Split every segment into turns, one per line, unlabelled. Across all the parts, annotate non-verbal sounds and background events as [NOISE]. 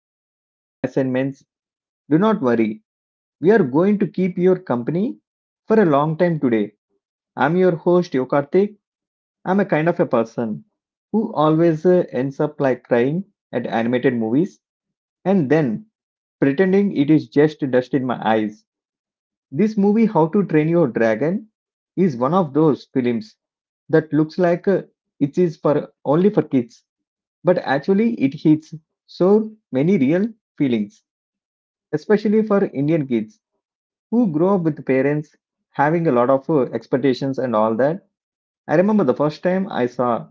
hiding from your assignments, do not worry. We are going to keep your company for a long time today. I'm your host, Yokarthik. I'm a kind of a person who always ends up like crying at animated movies and then pretending it is just dust in my eyes. This movie, How to Train Your Dragon, is one of those films that looks like it is for only for kids, but actually it hits so many real feelings, especially for Indian kids who grow up with parents having a lot of expectations and all that. I remember the first time I saw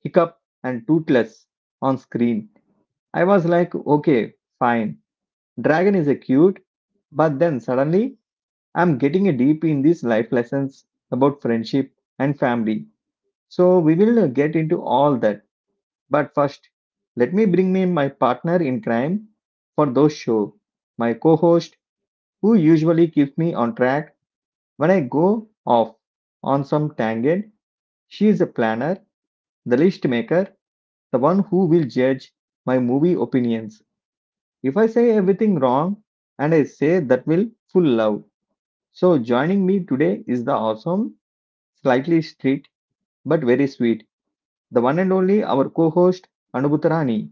Hiccup and Toothless on screen. I was like, okay, fine. Dragon is a cute, but then suddenly I'm getting a deep in these life lessons about friendship and family. So we will get into all that. But first, let me bring me my partner in crime for those show, my co-host who usually keeps me on track when I go off on some tangent. She is a planner, the list maker, the one who will judge my movie opinions. If I say everything wrong and I say that will full love. So joining me today is the awesome, slightly strict but very sweet, the one and only our co-host Anubhutarani.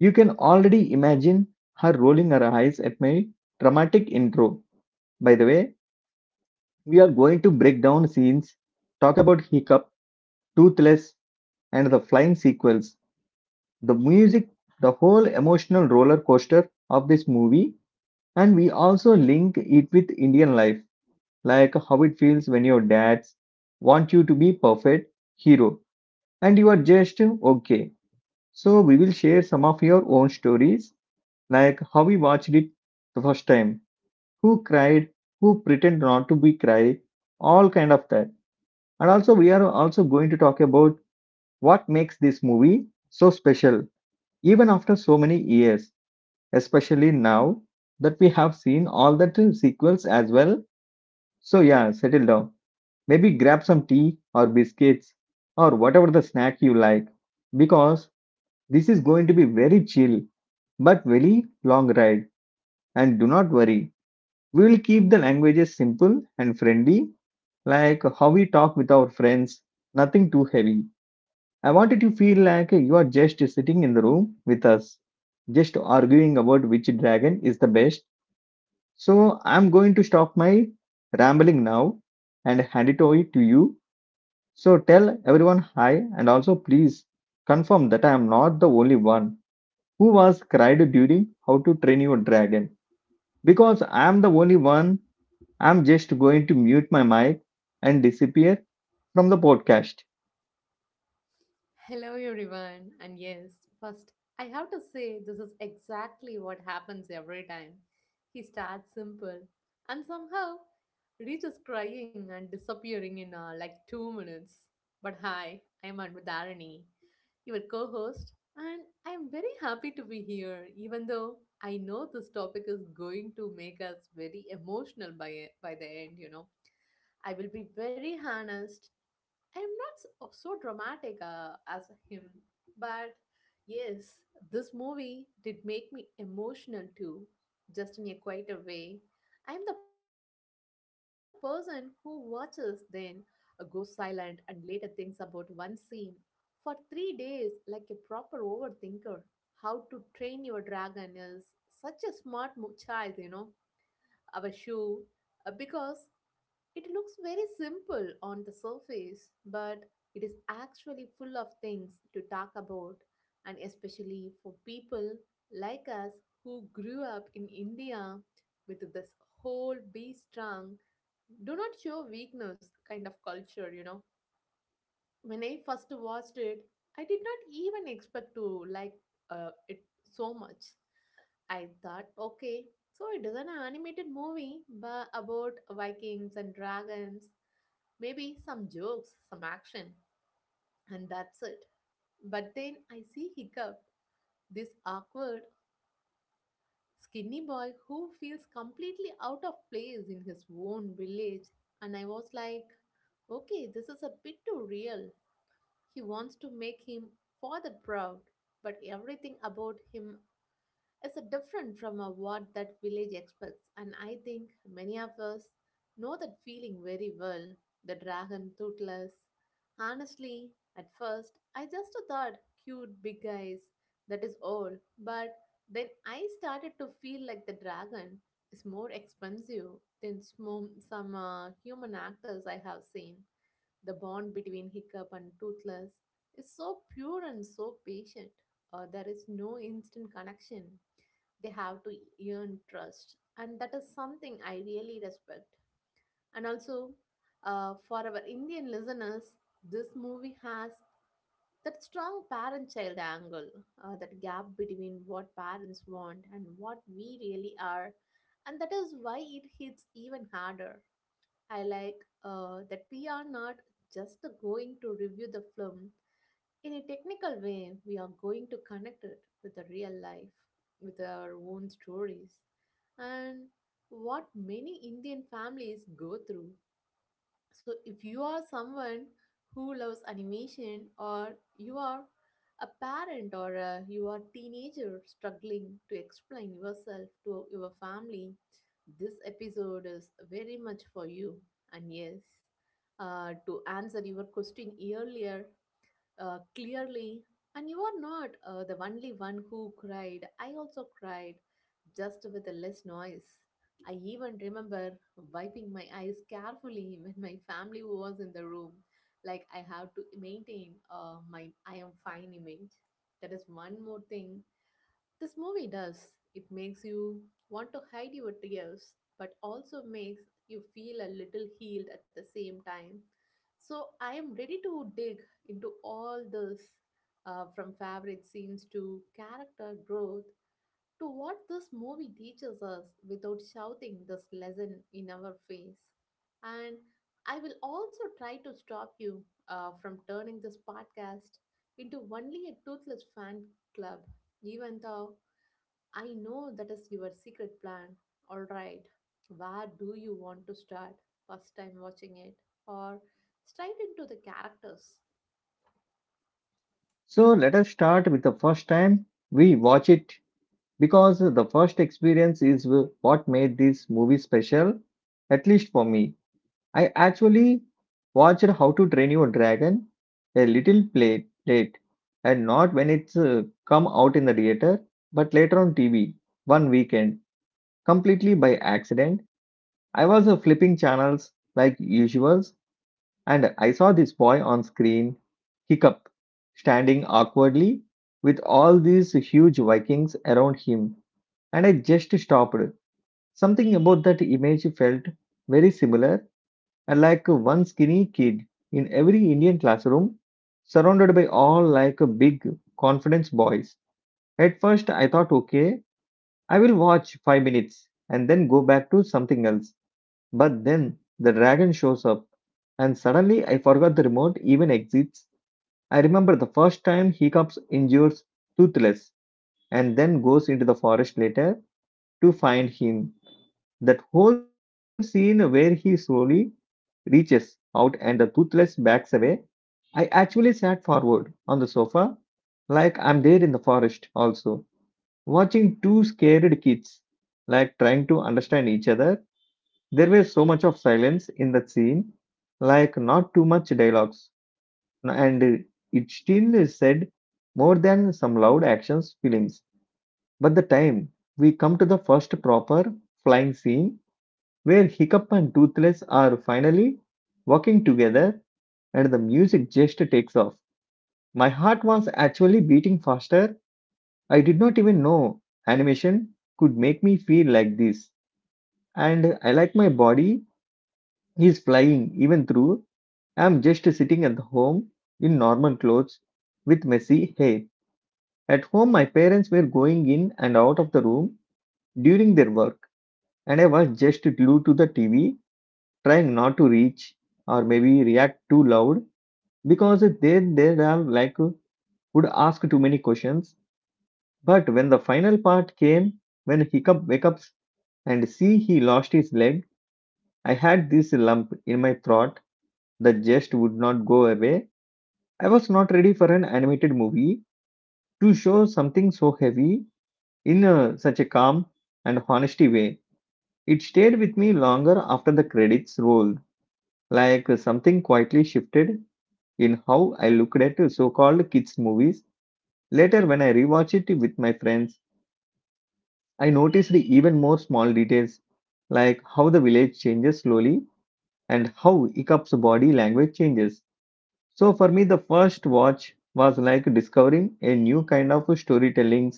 You can already imagine her rolling her eyes at my dramatic intro. By the way, we are going to break down scenes, talk about Hiccup, Toothless, and the flying sequels, the music, the whole emotional roller coaster of this movie, and we also link it with Indian life like how it feels when your dads want you to be perfect hero and you are just okay. So we will share some of your own stories, like how we watched it the first time, who cried, who pretend not to be cry, all kind of that. And also we are also going to talk about what makes this movie so special, even after so many years, especially now that we have seen all the two sequels as well. So yeah, settle down. Maybe grab some tea or biscuits or whatever the snack you like because this is going to be very chill but very long ride. And do not worry, we will keep the languages simple and friendly like how we talk with our friends, nothing too heavy. I wanted to feel like you are just sitting in the room with us, just arguing about which dragon is the best. So I'm going to stop my rambling now and hand it over to you. So tell everyone hi and also please confirm that I am not the only one who was cried during How to Train Your Dragon because I am the only one. I'm just going to mute my mic and disappear from the podcast.
Hello, everyone. And yes, first, I have to say this is exactly what happens every time. He starts simple and somehow reaches crying and disappearing in like 2 minutes. But hi, I am Anvadharani, your co host, and I am very happy to be here, even though I know this topic is going to make us very emotional by the end, you know. I will be very honest. I'm not so, so dramatic as him, but yes, this movie did make me emotional too, just in a quieter way. I'm the person who watches, then goes silent, and later thinks about one scene for 3 days like a proper overthinker. How to Train Your Dragon is such a child, you know. Our shoe, because it looks very simple on the surface, but it is actually full of things to talk about, and especially for people like us who grew up in India with this whole be strong, do not show weakness kind of culture, you know. When I first watched it, I did not even expect to like it so much. I thought, okay, so it is an animated movie but about Vikings and dragons, maybe some jokes, some action, and that's it. But then I see Hiccup, this awkward, skinny boy who feels completely out of place in his own village. And I was like, okay, this is a bit too real. He wants to make him father proud, but everything about him is different from what that village expects, and I think many of us know that feeling very well. The dragon Toothless. Honestly, at first I just thought cute big eyes, that is all, but then I started to feel like the dragon is more expensive than some human actors I have seen. The bond between Hiccup and Toothless is so pure and so patient. There is no instant connection. They have to earn trust, and that is something I really respect. And also, for our Indian listeners, this movie has that strong parent child angle, that gap between what parents want and what we really are, and that is why it hits even harder. I like that we are not just going to review the film in a technical way. We are going to connect it with the real life, with our own stories, and what many Indian families go through. So, if you are someone who loves animation, or you are a parent, or a, you are teenager struggling to explain yourself to your family, this episode is very much for you. And yes, to answer your question earlier, clearly. And you are not the only one who cried. I also cried, just with less noise. I even remember wiping my eyes carefully [LAUGHS] when my family was in the room. Like I have to maintain my I am fine image. That is one more thing this movie does. It makes you want to hide your tears, but also makes you feel a little healed at the same time. So I am ready to dig into all this from favorite scenes to character growth to what this movie teaches us without shouting this lesson in our face. And I will also try to stop you from turning this podcast into only a toothless fan club, even though I know that is your secret plan. All right. Where do you want to start? First time watching it, or straight into the characters?
So let us start with the first time we watch it because the first experience is what made this movie special, at least for me. I actually watched How to Train Your Dragon a little play, late, and not when it's come out in the theater but later on TV one weekend completely by accident. I was flipping channels like usuals and I saw this boy on screen, Hiccup, standing awkwardly with all these huge Vikings around him, and I just stopped. Something about that image felt very similar and like one skinny kid in every Indian classroom, surrounded by all like big, confidence boys. At first, I thought, okay, I will watch 5 minutes and then go back to something else. But then the dragon shows up, and suddenly I forgot the remote even exists. I remember the first time Hiccups injures Toothless and then goes into the forest later to find him. That whole scene where he slowly reaches out and the Toothless backs away. I actually sat forward on the sofa like I'm there in the forest also, watching two scared kids like trying to understand each other. There was so much of silence in that scene, like not too much dialogues, and it still said more than some loud actions films. But the time we come to the first proper flying scene where Hiccup and Toothless are finally working together and the music just takes off. My heart was actually beating faster. I did not even know animation could make me feel like this. And I like my body is flying even through. I'm just sitting at home in normal clothes with messy hair. At home, my parents were going in and out of the room during their work, and I was just glued to the TV, trying not to reach or maybe react too loud because they are like would ask too many questions. But when the final part came, when Hiccup wakes up and see he lost his leg, I had this lump in my throat that just would not go away. I was not ready for an animated movie to show something so heavy in a, such a calm and honesty way. It stayed with me longer after the credits rolled, like something quietly shifted in how I looked at so-called kids movies. Later, when I rewatched it with my friends, I noticed even more small details like how the village changes slowly and how Ikap's body language changes. So for me, the first watch was like discovering a new kind of storytelling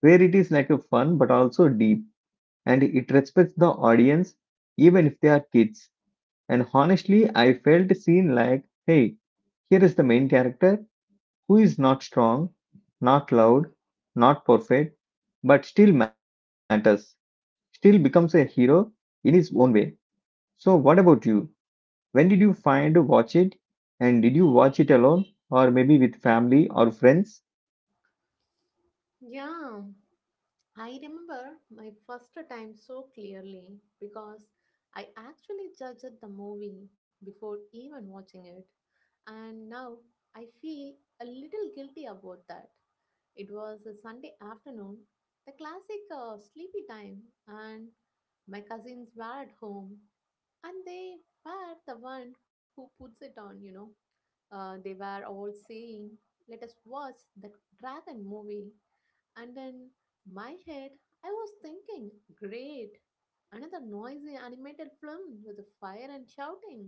where it is like a fun but also deep and it respects the audience even if they are kids. And honestly, I felt seen like, hey, here is the main character who is not strong, not loud, not perfect, but still matters. Still becomes a hero in his own way. So, what about you? When did you find to watch it? And did you watch it alone or maybe with family or friends?
Yeah, I remember my first time so clearly because I actually judged the movie before even watching it. And now I feel a little guilty about that. It was a Sunday afternoon, the classic sleepy time, and my cousins were at home, and they were the one who puts it on. They were all saying, let us watch that dragon movie. And in my head, I was thinking, great, another noisy animated film with a fire and shouting.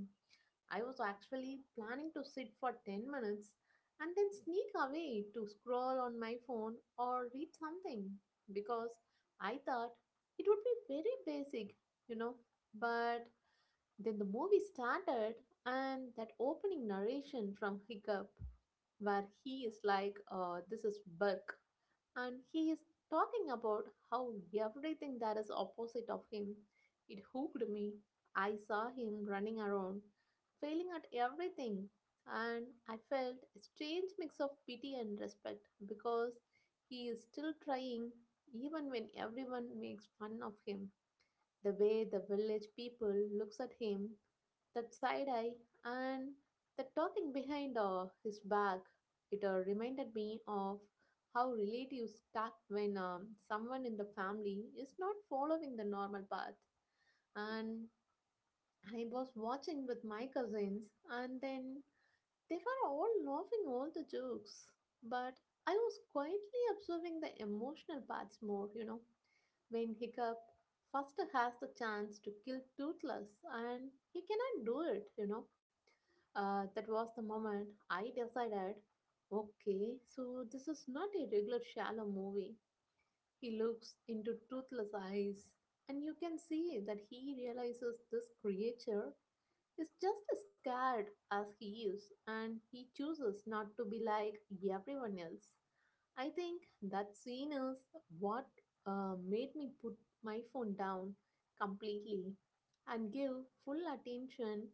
I was actually planning to sit for 10 minutes and then sneak away to scroll on my phone or read something because I thought it would be very basic, you know. But then the movie started, and that opening narration from Hiccup, where he is like, This is Burke, and he is talking about how everything that is opposite of him. It hooked me. I saw him running around, failing at everything, and I felt a strange mix of pity and respect because he is still trying even when everyone makes fun of him. The way the village people looks at him, that side eye and the talking behind his back, it reminded me of how relatives talk when someone in the family is not following the normal path. And I was watching with my cousins, and then they were all laughing all the jokes, but I was quietly observing the emotional parts more. When Hiccup first has the chance to kill Toothless and he cannot do it. That was the moment I decided, okay, so this is not a regular shallow movie. He looks into Toothless eyes, and you can see that he realizes this creature is just as scared as he is, and he chooses not to be like everyone else. I think that scene is what made me put my phone down completely and give full attention,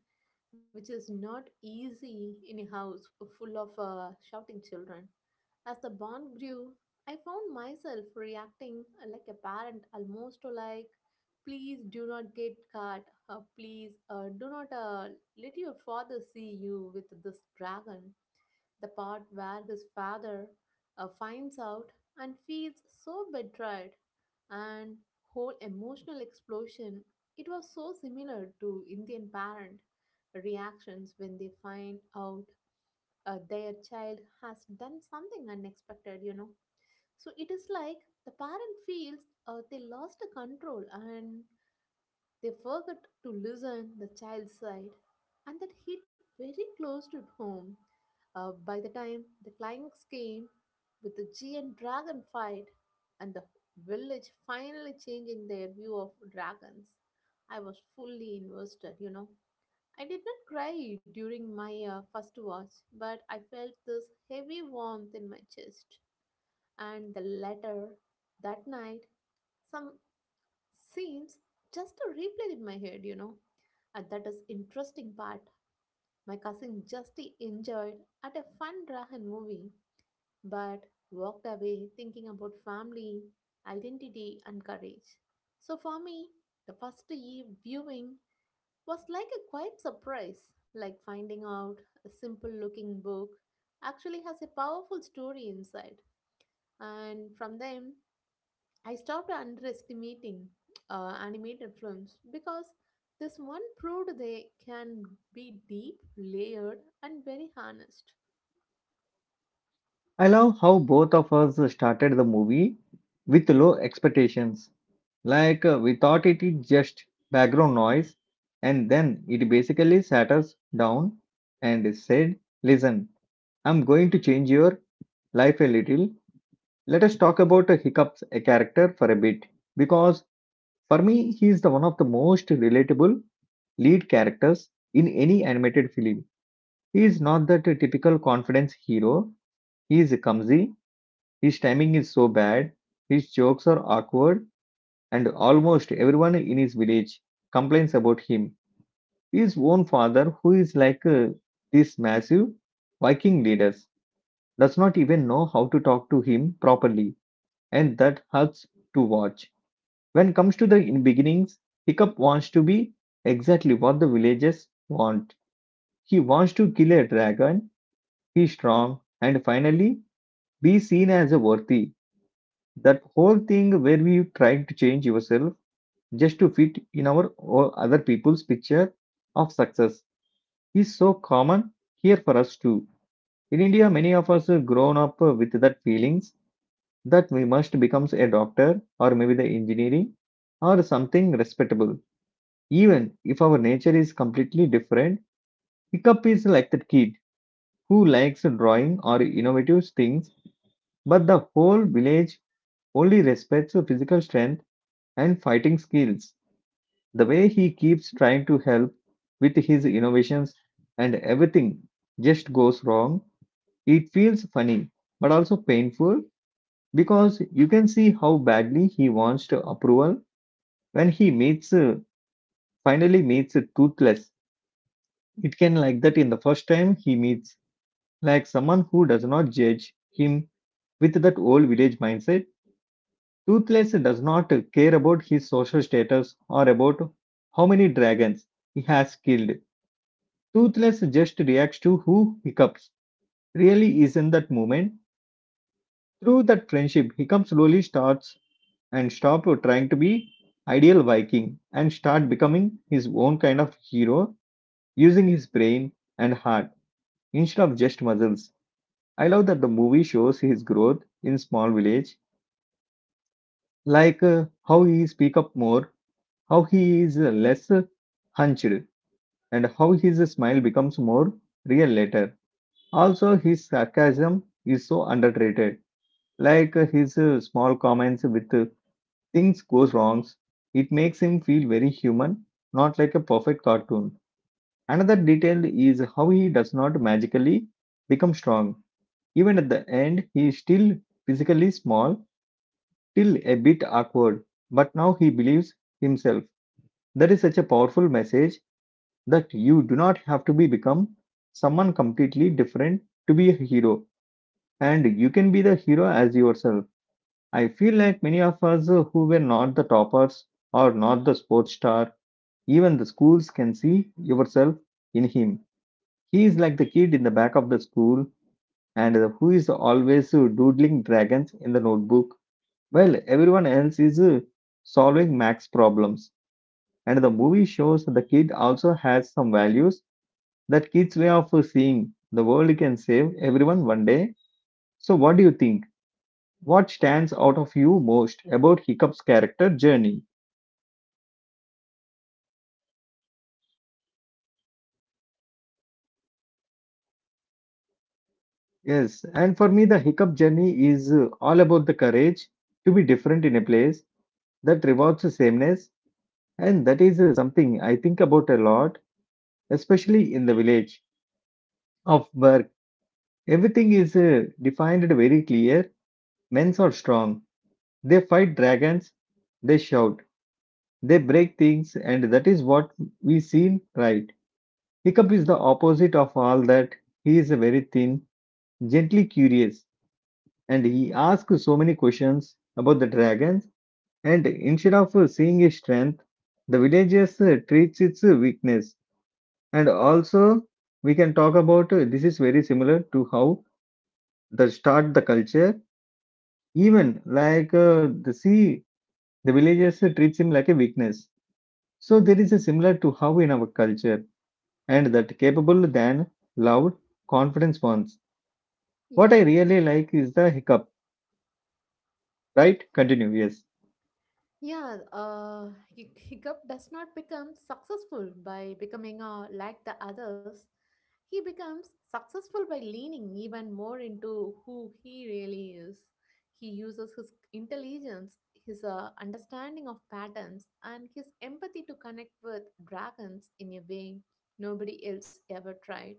which is not easy in a house full of shouting children. As the bond grew, I found myself reacting like a parent, almost like, please do not get caught, or please do not let your father see you with this dragon. The part where his father finds out and feels so betrayed, and whole emotional explosion. It was so similar to Indian parent reactions when they find out their child has done something unexpected. So it is like the parent feels they lost the control, and they forgot to listen the child's side, and that hit very close to home. By the time the climax came with the G and dragon fight and the village finally changing their view of dragons, I was fully invested. I did not cry during my first watch, but I felt this heavy warmth in my chest. And the latter, that night, some scenes just replayed in my head. And that is interesting part. My cousin just enjoyed at a fun Drahan movie, but walked away thinking about family, identity, and courage. So for me, the first eve viewing was like a quiet surprise, like finding out a simple looking book actually has a powerful story inside. And from them, I stopped underestimating animated films because this one proved they can be deep, layered, and very honest.
I love how both of us started the movie with low expectations. Like we thought it is just background noise, and then it basically sat us down and said, listen, I'm going to change your life a little. Let us talk about Hiccup's character for a bit because for me, he is the one of the most relatable lead characters in any animated film. He is not that typical confidence hero. He is clumsy, his timing is so bad, his jokes are awkward, and almost everyone in his village complains about him. His own father, who is like this massive Viking leader, does not even know how to talk to him properly, and that hurts to watch. When comes to the in beginnings, Hiccup wants to be exactly what the villagers want. He wants to kill a dragon, be strong, and finally be seen as a worthy. That whole thing where we try to change yourself just to fit in our or other people's picture of success is so common here for us too. In India, many of us have grown up with that feelings that we must become a doctor or maybe the engineering or something respectable. Even if our nature is completely different, Hiccup is like that kid who likes drawing or innovative things, but the whole village only respects physical strength and fighting skills. The way he keeps trying to help with his innovations and everything just goes wrong, it feels funny but also painful because you can see how badly he wants to approval when he meets finally meets Toothless. It can like that in the first time he meets. Like someone who does not judge him with that old village mindset, Toothless does not care about his social status or about how many dragons he has killed. Toothless just reacts to who hiccups. Really is in that moment. Through that friendship, Hiccup slowly starts and stop trying to be ideal Viking and start becoming his own kind of hero, using his brain and heart instead of just muscles. I love that the movie shows his growth in small village like how he speak up more, how he is less hunched, and how his smile becomes more real later. Also, his sarcasm is so underrated. Like his small comments with things goes wrongs, it makes him feel very human, not like a perfect cartoon. Another detail is how he does not magically become strong. Even at the end, he is still physically small, still a bit awkward, but now he believes himself. That is such a powerful message that you do not have to be become someone completely different to be a hero, and you can be the hero as yourself. I feel like many of us who were not the toppers or not the sports star, even the schools can see yourself in him. He is like the kid in the back of the school and who is always doodling dragons in the notebook while everyone else is solving max problems, and the movie shows the kid also has some values that kids' way of seeing the world can save everyone one day. So, what do you think? What stands out of you most about Hiccup's character journey? Yes, and for me, the Hiccup journey is all about the courage to be different in a place that rewards the sameness, and that is something I think about a lot, especially in the village of Burke. Everything is defined very clear. Men are strong. They fight dragons. They shout. They break things, and that is what we seen, right? Hiccup is the opposite of all that. He is a very thin, gently curious, and he asks so many questions about the dragons. And instead of seeing his strength, the villagers treats its weakness. And also, we can talk about this is very similar to how the start the culture. Even like the sea, the villagers treats him like a weakness. So there is a similar to how in our culture and that capable than loud confidence ones. What I
Yeah,
really like is the hiccup, right? Continue, yes.
yeah. [LAUGHS] Hiccup does not become successful by becoming like the others. He becomes successful by leaning even more into who he really is. He uses his intelligence, his understanding of patterns, and his empathy to connect with dragons in a way nobody else ever tried.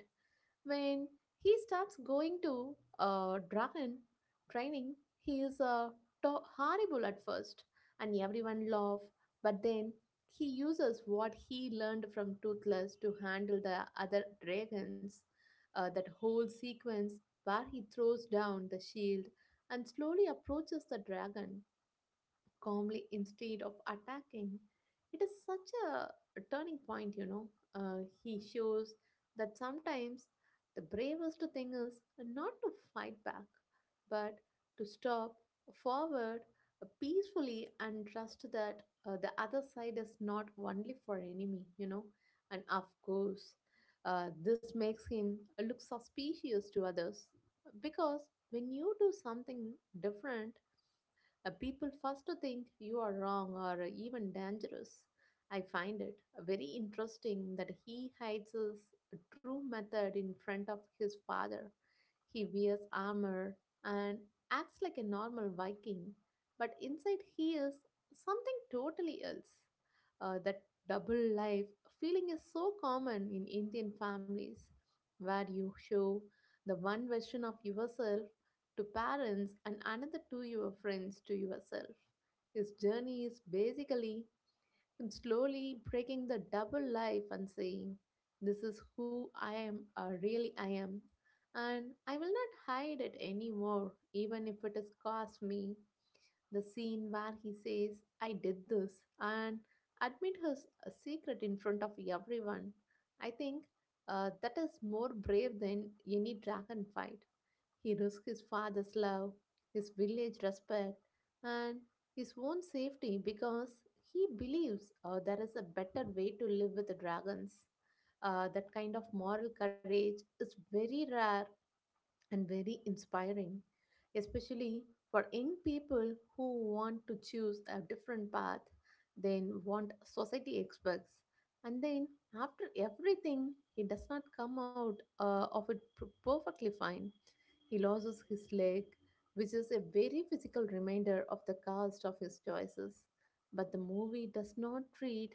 When he starts going to dragon training, he is horrible at first, and everyone laugh. But then he uses what he learned from Toothless to handle the other dragons. That whole sequence where he throws down the shield and slowly approaches the dragon calmly instead of attacking. It is such a turning point. He shows that sometimes the bravest thing is not to fight back, but to stop forward peacefully, and trust that the other side is not only for enemy. And of course, this makes him look suspicious to others because when you do something different, people first think you are wrong or even dangerous. I find it very interesting that he hides his true method in front of his father. He wears armor and acts like a normal Viking, but inside he is something totally else. That double life feeling is so common in Indian families, where you show the one version of yourself to parents and another to your friends to yourself. His journey is basically and slowly breaking the double life and saying, this is who I am, or really I am, and I will not hide it anymore, even if it has cost me. The scene where he says, I did this, and admit his secret in front of everyone. I think that is more brave than any dragon fight. He risked his father's love, his village respect, and his own safety because he believes there is a better way to live with dragons. That kind of moral courage is very rare and very inspiring, especially for young people who want to choose a different path than what society expects. And then, after everything, he does not come out of it perfectly fine. He loses his leg, which is a very physical reminder of the cost of his choices. But the movie does not treat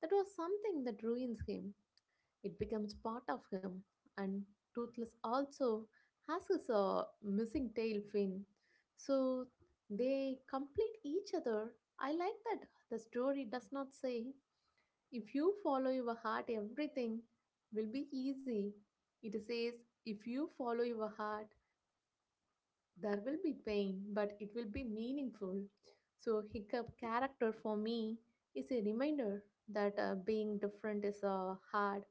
that was something that ruins him. It becomes part of him. And Toothless also has his missing tail fin. So they complete each other. I like that the story does not say, if you follow your heart, everything will be easy. It says, if you follow your heart, there will be pain, but it will be meaningful. So, Hiccup character for me is a reminder that being different is hard.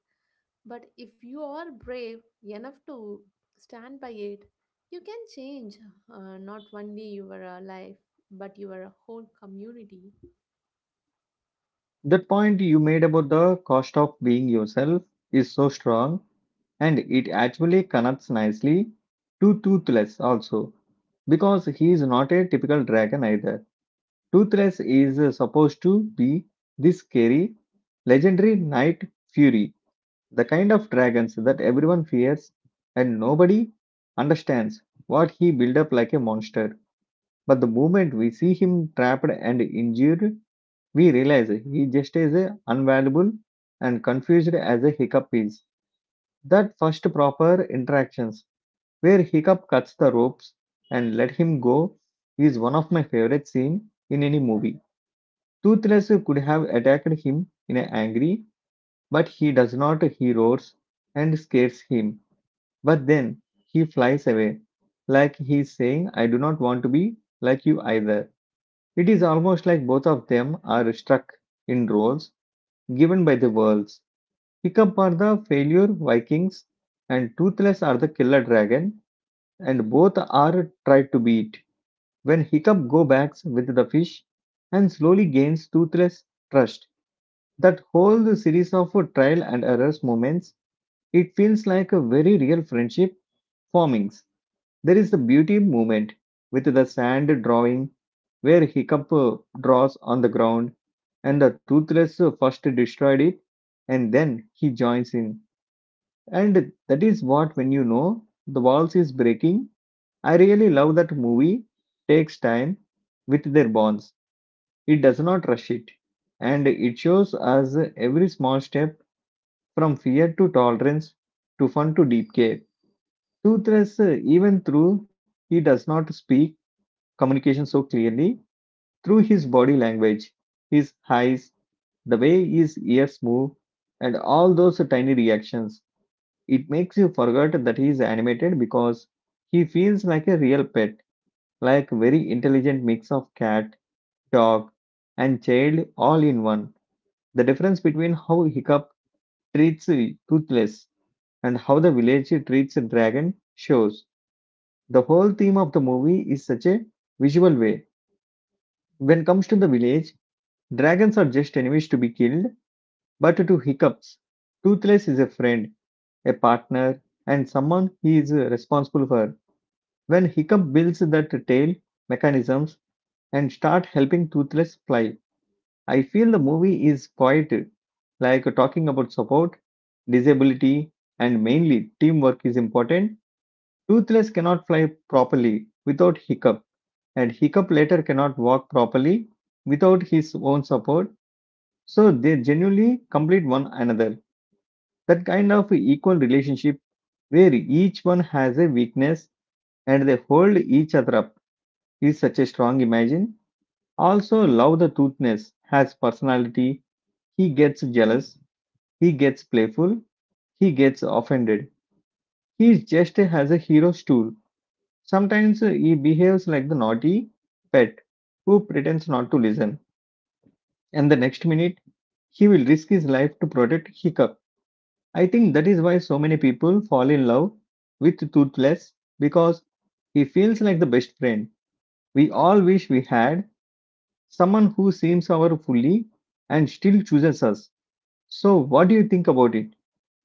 But if you are brave enough to stand by it, you can change not only your life but your whole community.
That point you made about the cost of being yourself is so strong, and it actually connects nicely to Toothless also because he is not a typical dragon either. Toothless is supposed to be this scary, legendary knight fury. The kind of dragons that everyone fears and nobody understands what he built up like a monster. But the moment we see him trapped and injured, we realize he just is a unvaluable and confused as a hiccup is. That first proper interactions where Hiccup cuts the ropes and let him go is one of my favorite scene in any movie. Toothless could have attacked him in a angry, but he does not. He roars and scares him. But then he flies away, like he's saying, I do not want to be like you either. It is almost like both of them are stuck in roles given by the worlds. Hiccup are the failure Vikings, and Toothless are the killer dragon, and both are tried to beat. When Hiccup go backs with the fish and slowly gains Toothless trust, that whole series of trial and errors moments, it feels like a very real friendship formings. There is the beauty movement with the sand drawing, where Hiccup draws on the ground, and the Toothless first destroyed it, and then he joins in. And that is what, when you know the walls is breaking, I really love that movie takes time with their bonds. It does not rush it, and it shows us every small step from fear to tolerance to fun to deep care. Toothless, even through he does not speak, communication so clearly through his body language, his eyes, the way his ears move, and all those tiny reactions. It makes you forget that he is animated because he feels like a real pet, like very intelligent mix of cat, dog, and child all in one. The difference between how Hiccup treats Toothless and how the village treats Dragon shows. The whole theme of the movie is such a visual way. When it comes to the village, Dragons are just enemies to be killed, but to Hiccups, Toothless is a friend, a partner, and someone he is responsible for. When Hiccup builds that tail mechanisms and start helping Toothless fly, I feel the movie is quite like talking about support, disability, and mainly teamwork is important. Toothless cannot fly properly without Hiccup, and Hiccup later cannot walk properly without his own support. So they genuinely complete one another. That kind of equal relationship where each one has a weakness and they hold each other up is such a strong imagine. Also, love the toothness has personality. He gets jealous, he gets playful, he gets offended. He just has a hero stool. Sometimes he behaves like the naughty pet who pretends not to listen, and the next minute he will risk his life to protect Hiccup. I think that is why so many people fall in love with Toothless because he feels like the best friend. We all wish we had someone who seems our fully and still chooses us. So, what do you think about it?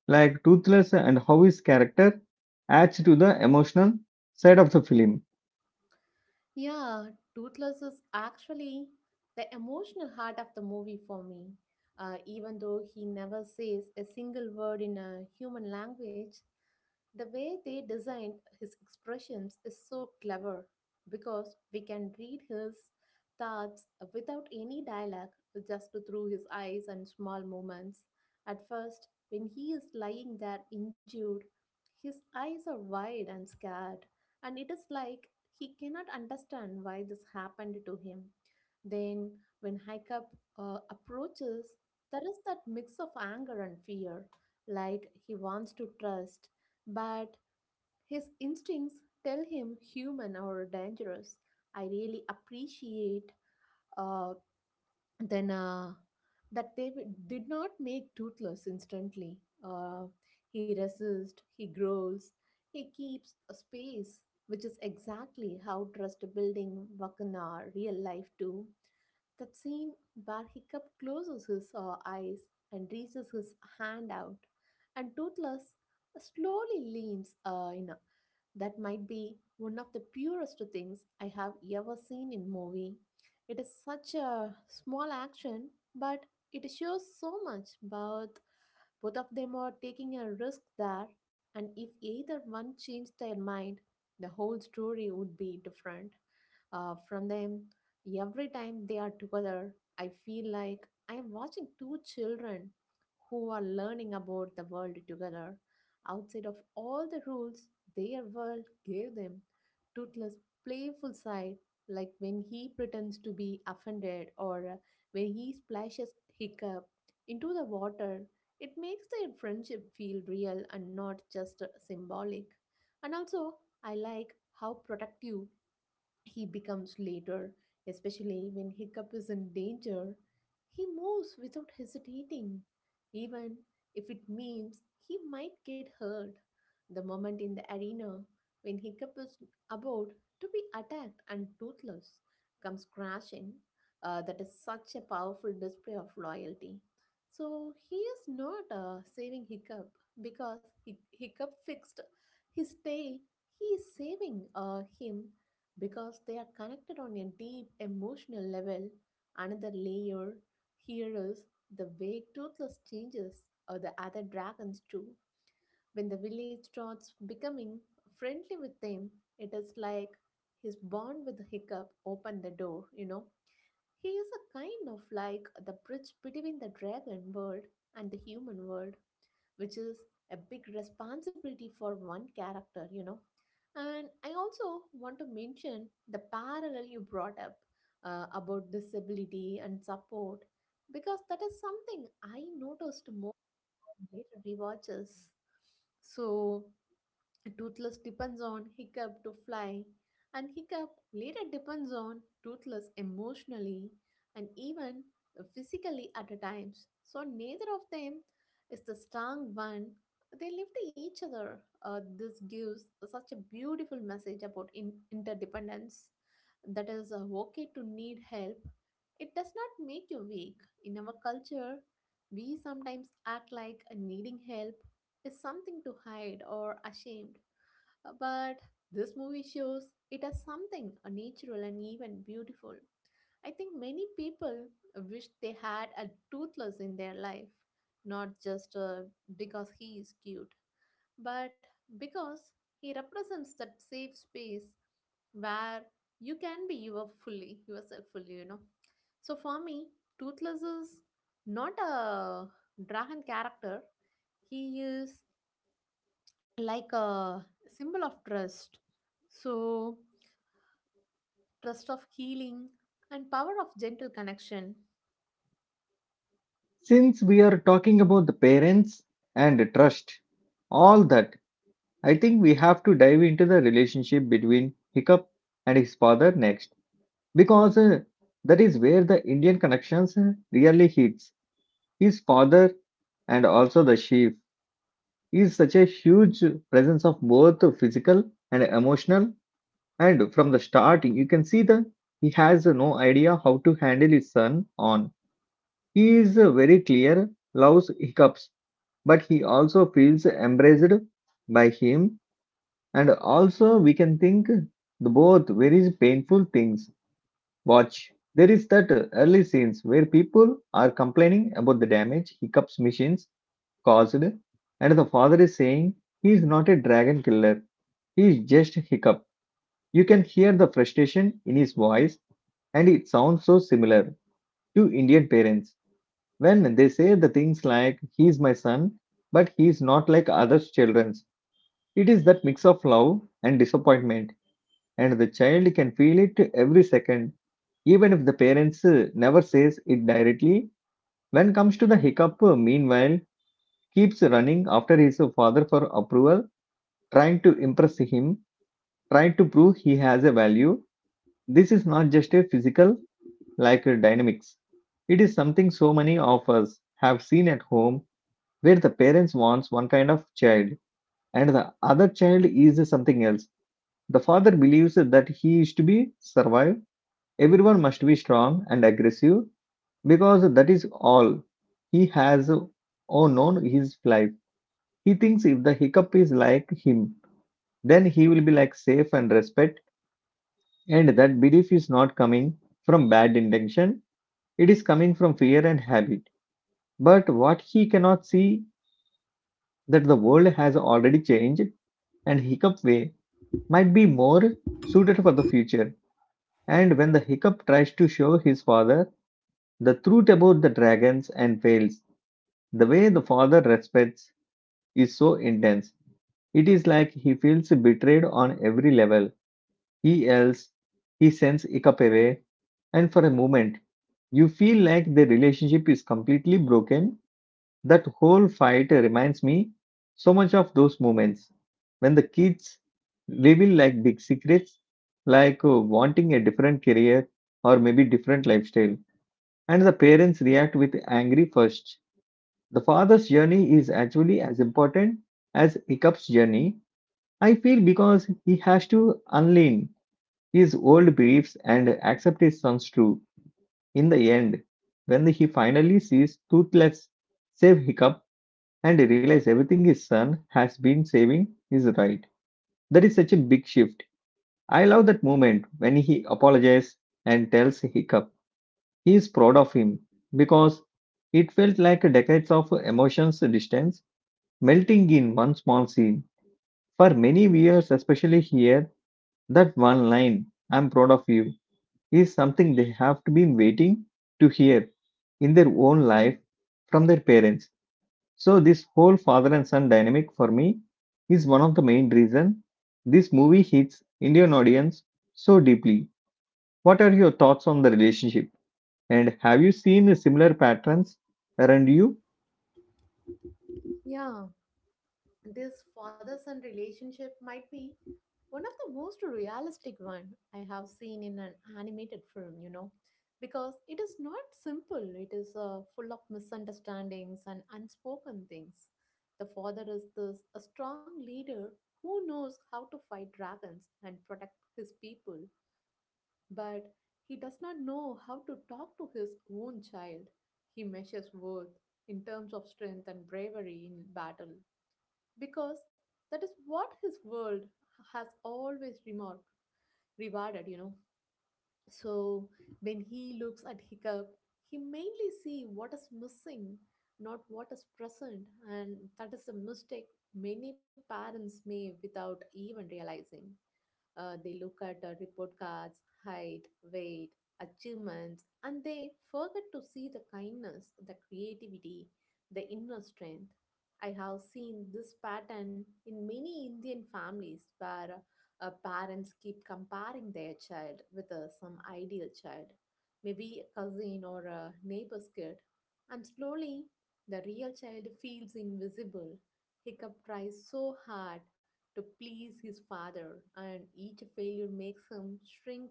Like Toothless and how his character adds to the emotional side of the film.
Yeah, Toothless is actually the emotional heart of the movie for me. Even though he never says a single word in a human language, the way they designed his expressions is so clever because we can read his thoughts without any dialogue, just through his eyes and small movements. At first, when he is lying there injured, his eyes are wide and scared, and it is like he cannot understand why this happened to him. Then, when Hiccup approaches, there is that mix of anger and fear, like he wants to trust but his instincts tell him human or dangerous. I really appreciate uh, then that they did not make Toothless instantly. Uh, he resists, he growls, he keeps a space, which is exactly how trust building work in our real life too. That scene where Hiccup closes his eyes and reaches his hand out, and Toothless slowly leans in, that might be one of the purest things I have ever seen in movie. It is such a small action, but it shows so much about both of them are taking a risk there, and if either one changed their mind, the whole story would be different from them. Every time they are together, I feel like I am watching two children who are learning about the world together. Outside of all the rules their world gave them, toothless, playful side, like when he pretends to be offended, or when he splashes Hiccup into the water, it makes their friendship feel real and not just symbolic. And also, I like how protective he becomes later, especially when Hiccup is in danger. He moves without hesitating, even if it means he might get hurt. The moment in the arena when Hiccup is about to be attacked and toothless comes crashing, that is such a powerful display of loyalty. So he is not saving Hiccup because Hiccup fixed his tail. He is saving him because they are connected on a deep emotional level. Another layer here is the way Toothless changes or the other dragons too. When the village starts becoming friendly with them, it is like his bond with Hiccup opened the door, you know. He is a kind of like the bridge between the dragon world and the human world, which is a big responsibility for one character, you know. And I also want to mention the parallel you brought up about disability and support because that is something I noticed more on later rewatches. So, Toothless depends on Hiccup to fly, and Hiccup later depends on Toothless emotionally and even physically at a times. So neither of them is the strong one. They live to each other. This gives such a beautiful message about interdependence. That is okay to need help. It does not make you weak. In our culture, we sometimes act like needing help is something to hide or ashamed, but this movie shows it as something natural and even beautiful. I think many people wish they had a toothless in their life, not just because he is cute, but because he represents that safe space where you can be your fully yourself fully, you know. So for me, toothless is not a dragon character, he is like a symbol of trust, so, trust of healing and power of gentle connection.
Since we are talking about the parents and trust, all that, I think we have to dive into the relationship between Hiccup and his father next because that is where the Indian connections really hits. His father and also the chief is such a huge presence of both physical and emotional. And from the start, you can see that he has no idea how to handle his son on. He is very clear, loves hiccups, but he also feels embraced by him. And also, we can think the both very painful things. Watch. There is that early scenes where people are complaining about the damage Hiccup's machines caused, and the father is saying he is not a dragon killer, he is just Hiccup. You can hear the frustration in his voice, and it sounds so similar to Indian parents when they say the things like he is my son, but he is not like other children's. It is that mix of love and disappointment, and the child can feel it every second, even if the parents never says it directly. When comes to the hiccup, meanwhile, keeps running after his father for approval, trying to impress him, trying to prove he has a value. This is not just a physical like dynamics, it is something so many of us have seen at home, where the parents wants one kind of child and the other child is something else. The father believes that he is to be survive. Everyone must be strong and aggressive because that is all he has or known his life. He thinks if the hiccup is like him, then he will be like safe and respect, and that belief is not coming from bad intention, it is coming from fear and habit. But what he cannot see that the world has already changed and hiccup way might be more suited for the future. And when the hiccup tries to show his father the truth about the dragons and fails, the way the father respects is so intense. It is like he feels betrayed on every level. He yells, he sends Ikapere, and for a moment, you feel like the relationship is completely broken. That whole fight reminds me so much of those moments when the kids reveal like big secrets, like wanting a different career or maybe different lifestyle, and the parents react with angry first. The father's journey is actually as important as Hiccup's journey, I feel, because he has to unlearn his old beliefs and accept his son's truth in the end. When he finally sees Toothless save Hiccup and realize everything his son has been saving is right, that is such a big shift. I love that moment when he apologizes and tells Hiccup he is proud of him because it felt like decades of emotions distance melting in one small scene. For many viewers, especially here, that one line, I'm proud of you, is something they have been waiting to hear in their own life from their parents. So, this whole father and son dynamic for me is one of the main reason this movie hits Indian audience so deeply. What are your thoughts on the relationship? And have you seen similar patterns around you?
Yeah, this father son relationship might be one of the most realistic one I have seen in an animated film, you know, because it is not simple. It is full of misunderstandings and unspoken things. The father is this a strong leader who knows how to fight dragons and protect his people, but he does not know how to talk to his own child. He measures worth in terms of strength and bravery in battle because that is what his world has always remarked, rewarded, you know. So when he looks at Hiccup, he mainly see what is missing, not what is present, and that is a mistake many parents make without even realizing. They look at report cards, height, weight, achievements, and they forget to see the kindness, the creativity, the inner strength. I have seen this pattern in many Indian families where parents keep comparing their child with some ideal child, maybe a cousin or a neighbor's kid, and slowly the real child feels invisible. Hiccup tries so hard to please his father, and each failure makes him shrink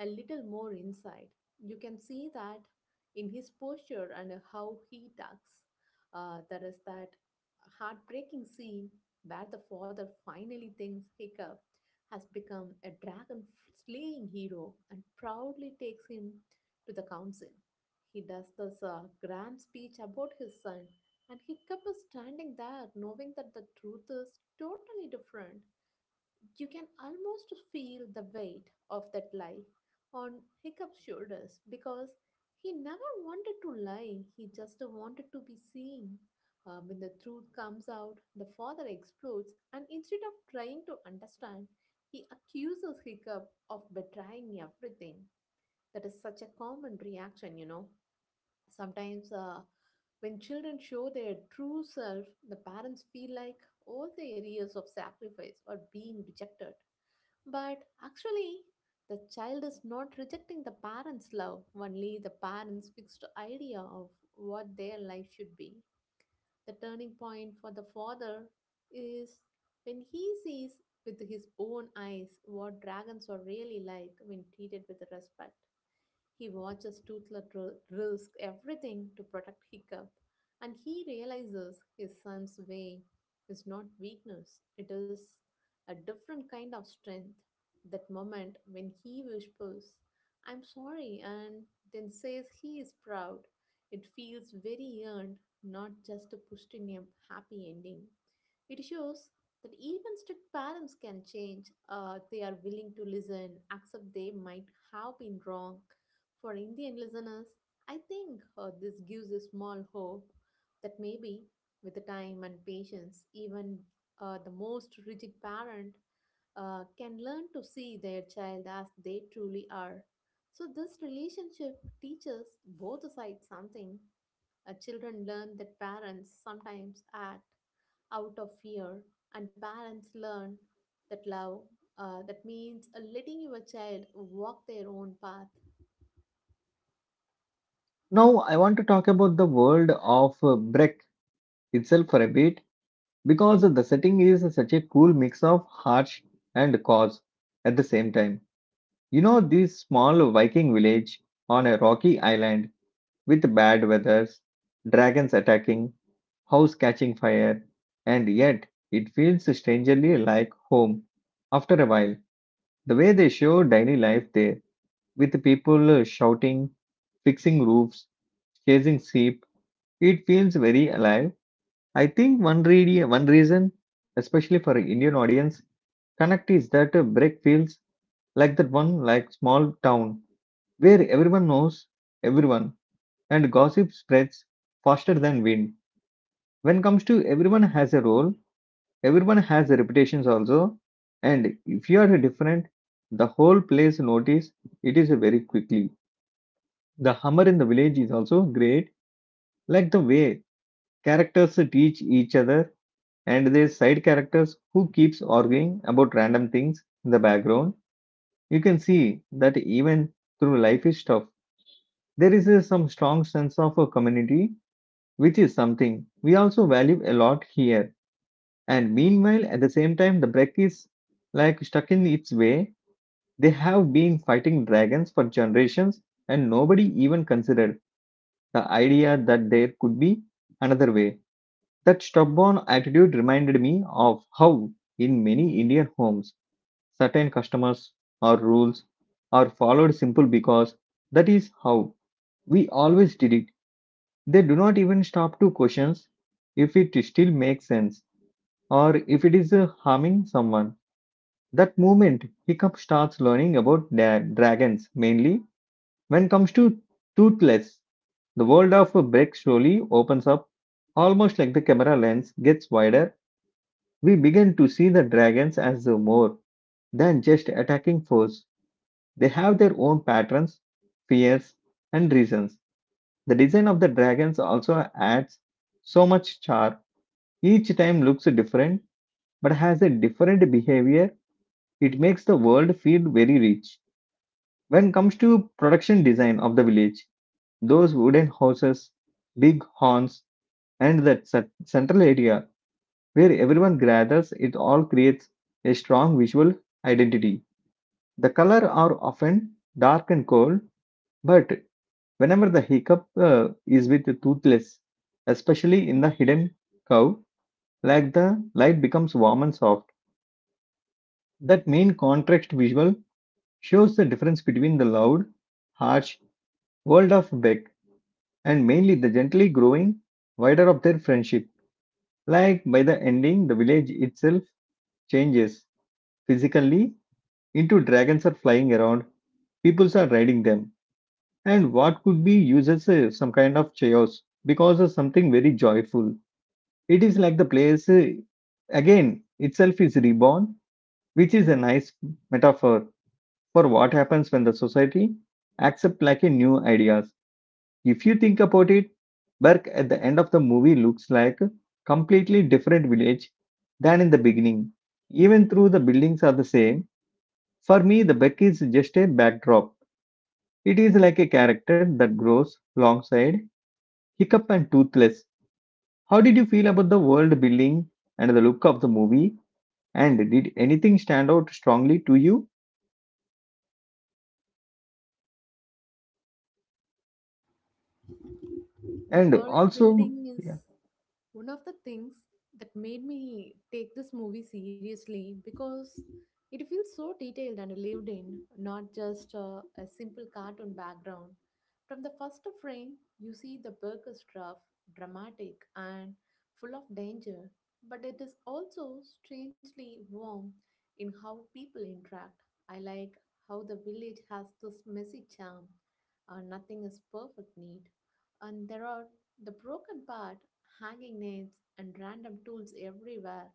a little more inside. You can see that in his posture and how he talks. There is that heartbreaking scene where the father finally thinks Hiccup has become a dragon slaying hero and proudly takes him to the council. He does this grand speech about his son and Hiccup is standing there knowing that the truth is totally different. You can almost feel the weight of that lie on Hiccup's shoulders because he never wanted to lie, he just wanted to be seen. When the truth comes out, the father explodes, and instead of trying to understand, he accuses Hiccup of betraying everything. That is such a common reaction, you know. Sometimes when children show their true self, the parents feel like all the areas of sacrifice are being rejected. But actually, the child is not rejecting the parents' love, only the parents' fixed idea of what their life should be. The turning point for the father is when he sees with his own eyes what dragons are really like when treated with respect. He watches Tootler risk everything to protect Hiccup, and he realizes his son's way is not weakness, it is a different kind of strength. That moment when he whispers, I'm sorry, and then says he is proud, it feels very earned, not just pushed in a happy ending. It shows that even strict parents can change. They are willing to listen, accept they might have been wrong. For Indian listeners, I think this gives a small hope that maybe, with the time and patience, even the most rigid parent can learn to see their child as they truly are. So, this relationship teaches both sides something. Children learn that parents sometimes act out of fear, and parents learn that love that means letting your child walk their own path.
Now, I want to talk about the world of Breck itself for a bit because the setting is such a cool mix of harsh and cause at the same time. You know, this small Viking village on a rocky island with bad weathers, dragons attacking, house catching fire, and yet it feels strangely like home. After a while, the way they show daily life there, with people shouting, fixing roofs, chasing sheep, it feels very alive. I think one, one reason, especially for Indian audience, Connect is that a break feels like that one like small town where everyone knows everyone and gossip spreads faster than wind. When comes to everyone has a role, everyone has reputations also, and if you are different, the whole place notice it is very quickly. The humor in the village is also great, like the way characters teach each other and their side characters who keeps arguing about random things in the background. You can see that even through life is tough, there is some strong sense of a community, which is something we also value a lot here. And meanwhile, at the same time, the Breck is like stuck in its way. They have been fighting dragons for generations, and nobody even considered the idea that there could be another way. That stubborn attitude reminded me of how, in many Indian homes, certain customers or rules are followed simple because that is how we always did it. They do not even stop to question if it still makes sense or if it is harming someone. That moment, Hiccup starts learning about dragons mainly. When comes to toothless, the world of Breck slowly opens up, almost like the camera lens gets wider. We begin to see the dragons as a more than just attacking foes. They have their own patterns, fears, and reasons. The design of the dragons also adds so much charm. Each time looks different but has a different behavior. It makes the world feel very rich. When it comes to production design of the village, those wooden houses, big horns, and that central area where everyone gathers, it all creates a strong visual identity. The colors are often dark and cold, but whenever the hiccup is with the toothless, especially in the hidden cow, like the light becomes warm and soft. That main contrast visual shows the difference between the loud, harsh world of Beck and mainly the gently growing wider of their friendship. Like by the ending, the village itself changes physically into dragons are flying around, peoples are riding them, and what could be used as some kind of chaos because of something very joyful. It is like the place again itself is reborn, which is a nice metaphor for what happens when the society accepts like a new ideas. If you think about it, Burke at the end of the movie looks like a completely different village than in the beginning. Even though the buildings are the same, for me the Beck is just a backdrop. It is like a character that grows alongside Hiccup and Toothless. How did you feel about the world building and the look of the movie? And did anything stand out strongly to you?
The
And
world
also,
building is
yeah,
one of the things that made me take this movie seriously because it feels so detailed and lived in, not just a simple cartoon background. From the first frame, you see the book is rough, dramatic, and full of danger, but it is also strangely warm in how people interact. I like how the village has this messy charm, nothing is perfect, neat, and there are the broken part, hanging nails, and random tools everywhere.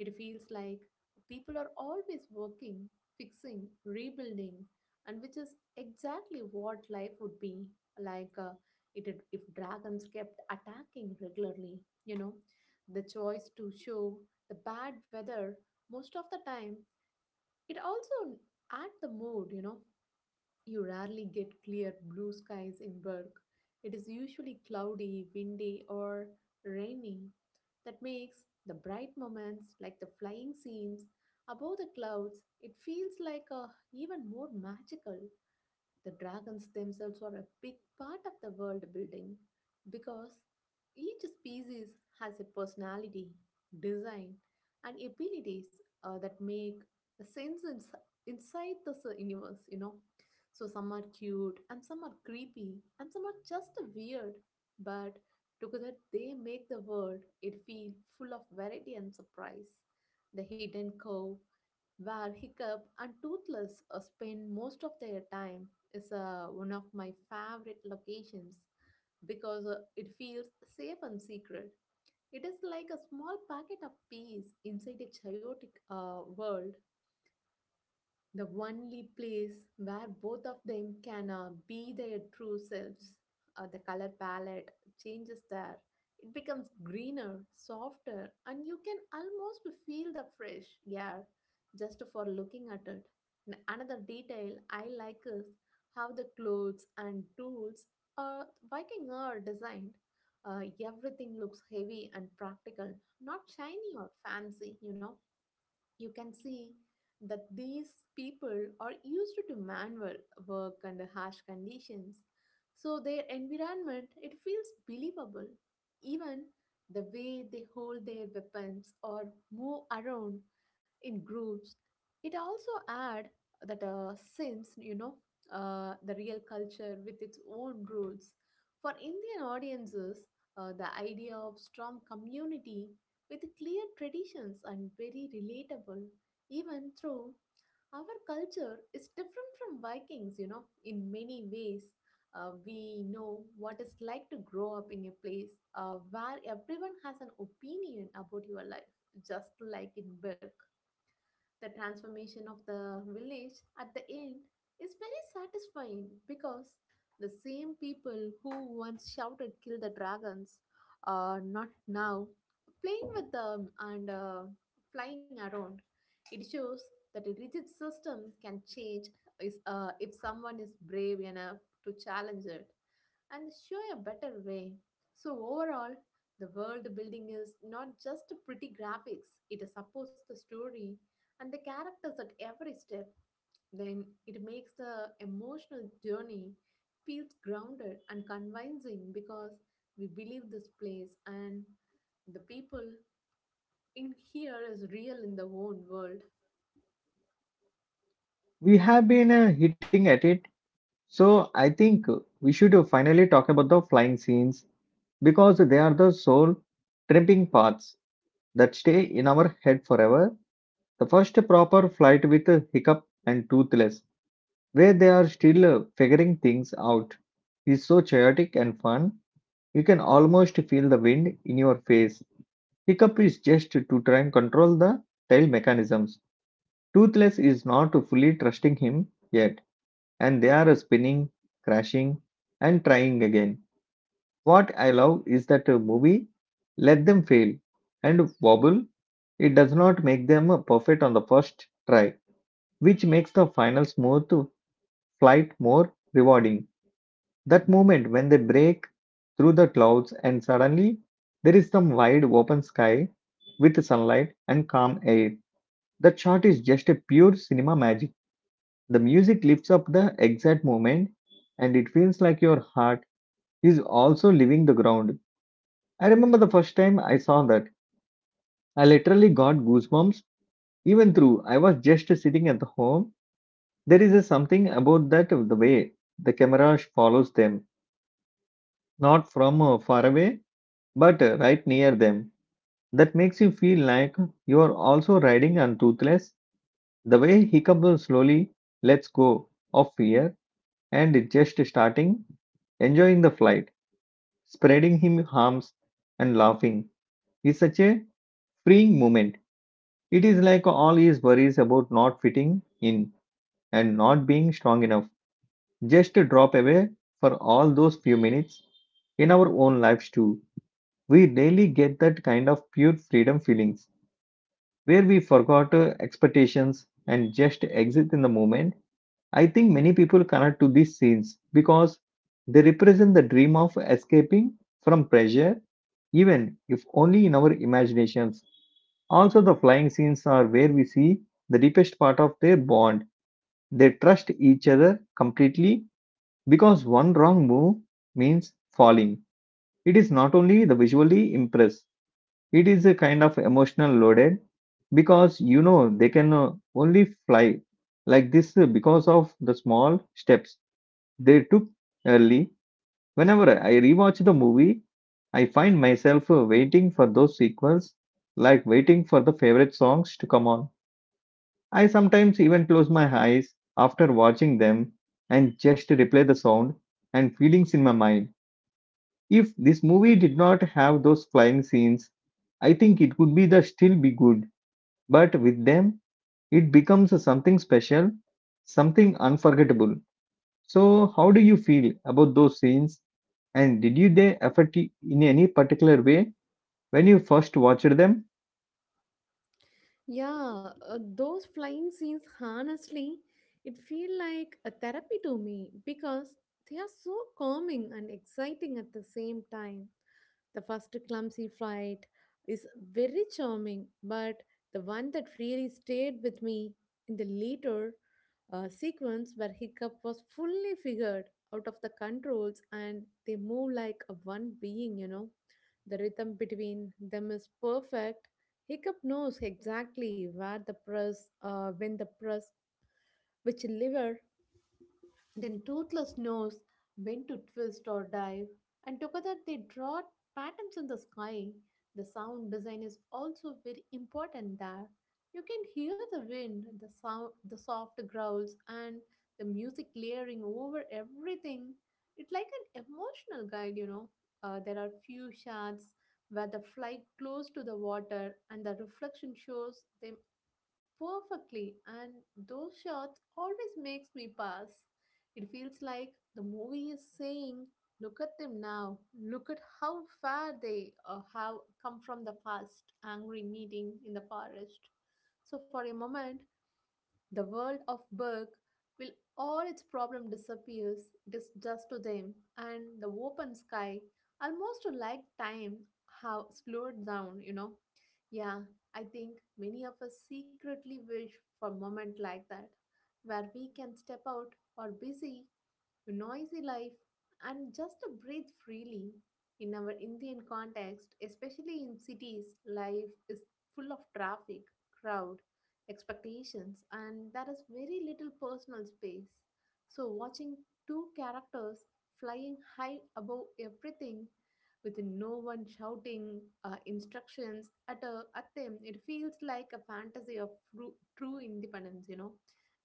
It feels like people are always working, fixing, rebuilding, and which is exactly what life would be like if dragons kept attacking regularly. You know, the choice to show the bad weather most of the time, it also adds the mood, you know, you rarely get clear blue skies in Berg. It is usually cloudy, windy, or rainy. That makes the bright moments, like the flying scenes above the clouds, it feels like a, even more magical. The dragons themselves are a big part of the world building because each species has a personality, design, and abilities that make sense inside this universe, you know. So some are cute, and some are creepy, and some are just weird, but together they make the world it feel full of variety and surprise. The hidden cove where Hiccup and Toothless spend most of their time is one of my favorite locations because it feels safe and secret. It is like a small packet of peace inside a chaotic world, the only place where both of them can be their true selves. The color palette changes there. It becomes greener, softer, and you can almost feel the fresh air just for looking at it. And another detail I like is how the clothes and tools uh, Viking are designed. Uh, Everything looks heavy and practical, not shiny or fancy. You know, you can see that these people are used to manual work under harsh conditions, so their environment, it feels believable. Even the way they hold their weapons or move around in groups, it also add that since you know the real culture with its own rules. For Indian audiences, the idea of strong community with clear traditions and very relatable, even though our culture is different from Vikings, you know, in many ways. We know what it's like to grow up in a place where everyone has an opinion about your life, just like in Birk. The transformation of the village at the end is very satisfying because the same people who once shouted kill the dragons are not now playing with them and flying around. It shows that a rigid system can change is, if someone is brave enough to challenge it and show a better way. So, overall, the world building is not just pretty graphics. It supports the story and the characters at every step, then it makes the emotional journey feels grounded and convincing, because we believe this place and the people in here is real in the own world.
we have been hitting at it, so I think we should finally talk about the flying scenes because they are the soul tripping paths that stay in our head forever. The first proper flight with a hiccup and toothless, where they are still figuring things out, is so chaotic and fun. You can almost feel the wind in your face. Hiccup is just to try and control the tail mechanisms. Toothless is not fully trusting him yet, and they are spinning, crashing, and trying again. What I love is that a movie let them fail and wobble. It does not make them perfect on the first try, which makes the final smooth flight more rewarding. That moment when they break through the clouds and suddenly there is some wide open sky with sunlight and calm air. That shot is just a pure cinema magic. The music lifts up the exact moment, and it feels like your heart is also leaving the ground. I remember the first time I saw that. I literally got goosebumps, even through I was just sitting at the home. There is a something about that the way the camera follows them, not from far away, but right near them. That makes you feel like you are also riding on toothless. The way hiccup slowly lets go of fear and just starting enjoying the flight, spreading him arms and laughing is such a freeing moment. It is like all his worries about not fitting in and not being strong enough just to drop away for all those few minutes in our own lives too. We rarely get that kind of pure freedom feelings where we forgot expectations and just exist in the moment. I think many people connect to these scenes because they represent the dream of escaping from pressure, even if only in our imaginations. Also, the flying scenes are where we see the deepest part of their bond. They trust each other completely because one wrong move means falling. It is not only the visually impress, it is a kind of emotional loaded because you know they can only fly like this because of the small steps they took early. Whenever I rewatch the movie, I find myself waiting for those sequels, like waiting for the favorite songs to come on. I sometimes even close my eyes after watching them and just replay the sound and feelings in my mind. If this movie did not have those flying scenes, I think it would be the still be good. But with them, it becomes something special, something unforgettable. So, how do you feel about those scenes? And did you they affect you in any particular way when you first watched them?
Yeah, those flying scenes, honestly, it feel like a therapy to me because they are so calming and exciting at the same time. The first clumsy flight is very charming, but the one that really stayed with me in the later a sequence where Hiccup was fully figured out of the controls and they move like a one being, you know. The rhythm between them is perfect. Hiccup knows exactly where the press, when the press, which lever, then Toothless knows when to twist or dive, and together they draw patterns in the sky. The sound design is also very important there. You can hear the wind, the sound, the soft growls, and the music layering over everything. It's like an emotional guide, you know. There are few shots where the fly close to the water and the reflection shows them perfectly, and those shots always makes me pass. It feels like the movie is saying, look at them now, look at how far they have come from the first angry meeting in the forest. So for a moment, the world of Berg will all its problem disappears. It is just to them and the open sky, almost like time have slowed down, you know. Yeah, I think many of us secretly wish for a moment like that, where we can step out or busy noisy life and just to breathe freely. In our Indian context, especially in cities, life is full of traffic, crowd, expectations, and there is very little personal space. So, watching two characters flying high above everything with no one shouting instructions at, a, at them, it feels like a fantasy of true, true independence, you know.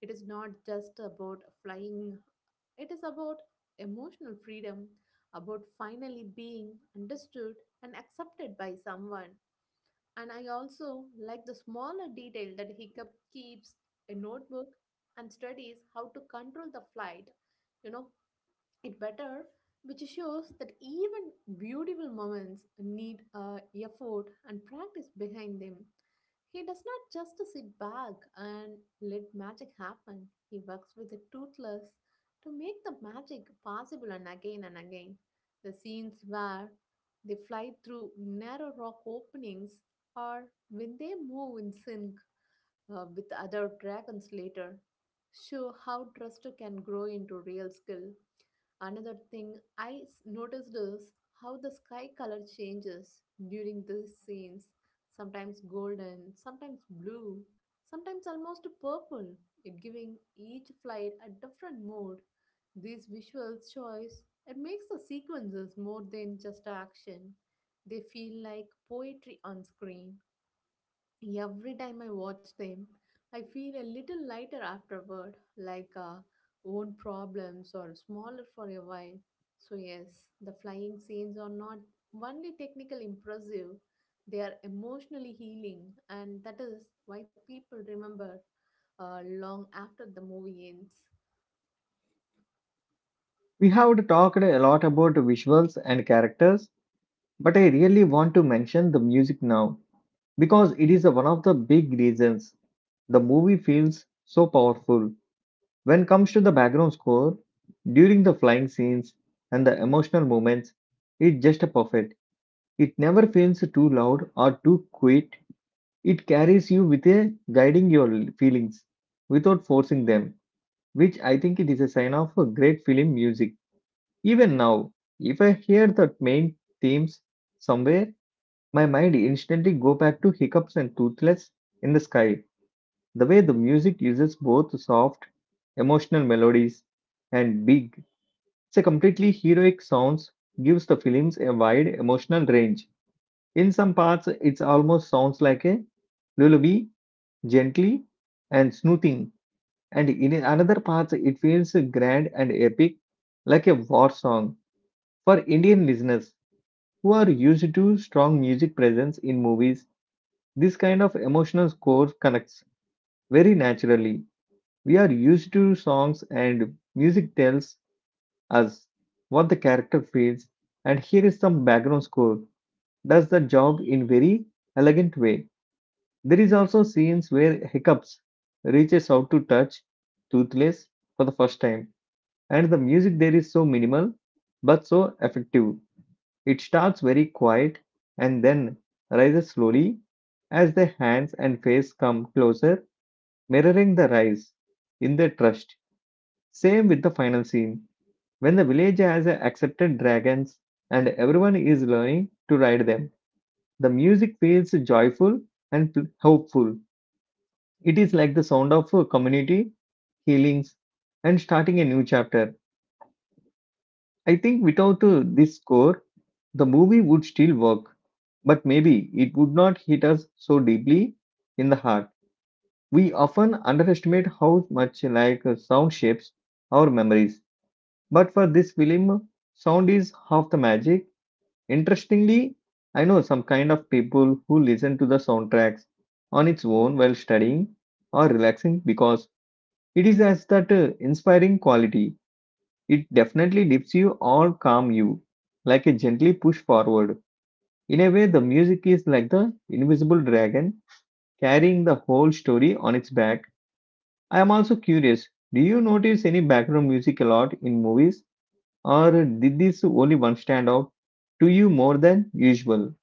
It is not just about flying, it is about emotional freedom, about finally being understood and accepted by someone. And I also like the smaller detail that Hiccup keeps a notebook and studies how to control the flight, you know, it better, which shows that even beautiful moments need effort and practice behind them. He does not just sit back and let magic happen. He works with the toothless to make the magic possible and again and again. The scenes where they fly through narrow rock openings or when they move in sync with other dragons later show how trust can grow into real skill. Another thing I noticed is how the sky color changes during these scenes, sometimes golden, sometimes blue, sometimes almost purple, it giving each flight a different mood. This visual choice, it makes the sequences more than just action. They feel like poetry on screen. Every time I watch them, I feel a little lighter afterward, like own problems or smaller for a while. So, yes, the flying scenes are not only technically impressive, they are emotionally healing, and that is why people remember long after the movie ends.
We have talked a lot about visuals and characters, but I really want to mention the music now because it is one of the big reasons the movie feels so powerful. When it comes to the background score, during the flying scenes and the emotional moments, it's just perfect. It never feels too loud or too quiet. It carries you with a guiding your feelings without forcing them, which I think it is a sign of a great film music. Even now, if I hear the main themes somewhere, my mind instantly go back to Hiccups and Toothless in the Sky. The way the music uses both soft, emotional melodies and big, it's a completely heroic sounds gives the films a wide emotional range. In some parts, it almost sounds like a lullaby, gently and soothing, and in another part, it feels grand and epic, like a war song. For Indian listeners who are used to strong music presence in movies, this kind of emotional score connects very naturally. We are used to songs, and music tells us what the character feels. And here is some background score does the job in very elegant way. There is also scenes where hiccups reaches out to touch toothless for the first time and the music there is so minimal but so effective. It starts very quiet and then rises slowly as the hands and face come closer, mirroring the rise in the trust. Same with the final scene, when the village has accepted dragons and everyone is learning to ride them. The music feels joyful and hopeful. It is like the sound of a community, healings, and starting a new chapter. I think without this score, the movie would still work, but maybe it would not hit us so deeply in the heart. We often underestimate how much like sound shapes our memories, but for this film, sound is half the magic. Interestingly, I know some kind of people who listen to the soundtracks on its own while studying or relaxing because it is as that inspiring quality. It definitely lifts you or calm you, like a gently push forward. In a way, the music is like the invisible dragon carrying the whole story on its back. I am also curious, do you notice any background music a lot in movies, or did this only one stand out to you more than usual?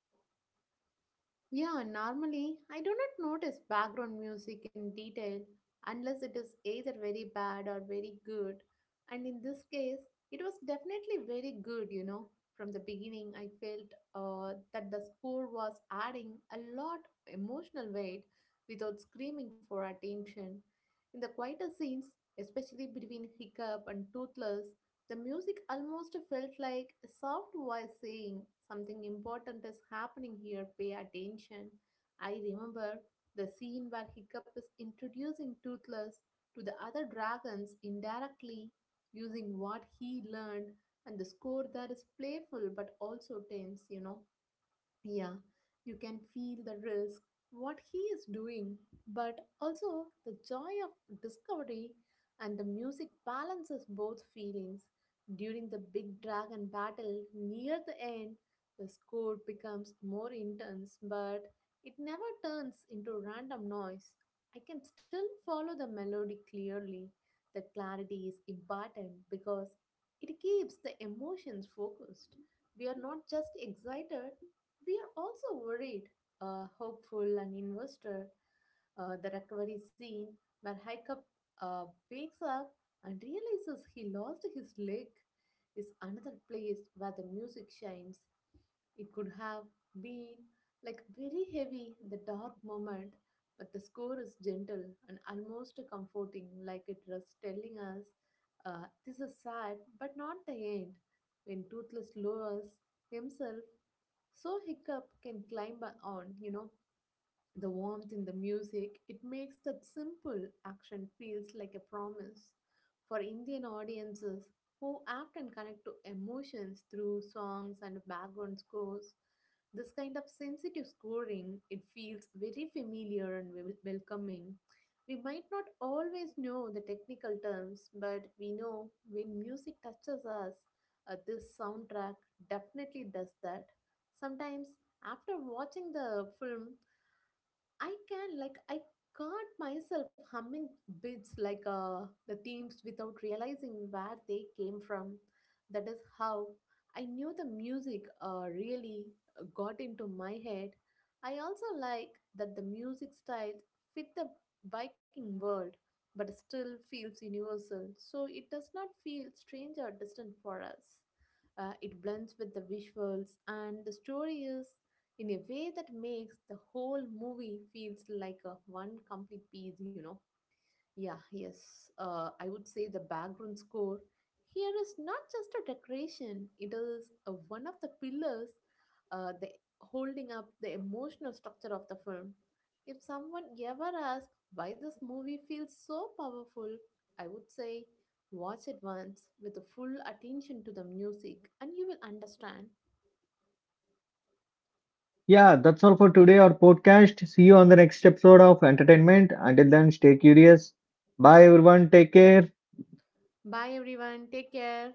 Yeah, normally I do not notice background music in detail unless it is either very bad or very good. And in this case, it was definitely very good, you know. From the beginning, I felt that the score was adding a lot emotional weight without screaming for attention. In the quieter scenes, especially between Hiccup and Toothless, the music almost felt like a soft voice saying, "Something important is happening here, pay attention." I remember the scene where Hiccup is introducing Toothless to the other dragons indirectly using what he learned, and the score there is playful but also tense, you know. Yeah, you can feel the risk, what he is doing, but also the joy of discovery, and the music balances both feelings. During the big dragon battle near the end, the score becomes more intense, but it never turns into random noise. I can still follow the melody clearly. That clarity is important because it keeps the emotions focused. We are not just excited, we are also worried, hopeful and invested. The recovery scene where Hiccup uh, wakes up and realizes he lost his leg is another place where the music shines. It could have been like very heavy in the dark moment, but the score is gentle and almost comforting, like it was telling us this is sad but not the end. When Toothless lowers himself so hiccup can climb on, you know, the warmth in the music, it makes that simple action feels like a promise. For Indian audiences who often connect to emotions through songs and background scores, this kind of sensitive scoring, it feels very familiar and welcoming. We might not always know the technical terms, but we know when music touches us. Uh, this soundtrack definitely does that. Sometimes, after watching the film, I can like I caught myself humming bits like the themes without realizing where they came from. That is how I knew the music really got into my head. I also like that the music styles fit the Viking world, but still feels universal, so it does not feel strange or distant for us. It blends with the visuals, and the story is in a way that makes the whole movie feels like a one complete piece, you know. Yeah, yes, I would say the background score here is not just a decoration. It is one of the pillars, the holding up the emotional structure of the film. If someone ever asks why this movie feels so powerful, I would say, watch it once with a full attention to the music and you will understand.
Yeah, that's all for today, our podcast. See you on the next episode of Entertainment. Until then, stay curious. Bye, everyone. Take care.
Bye everyone, take care.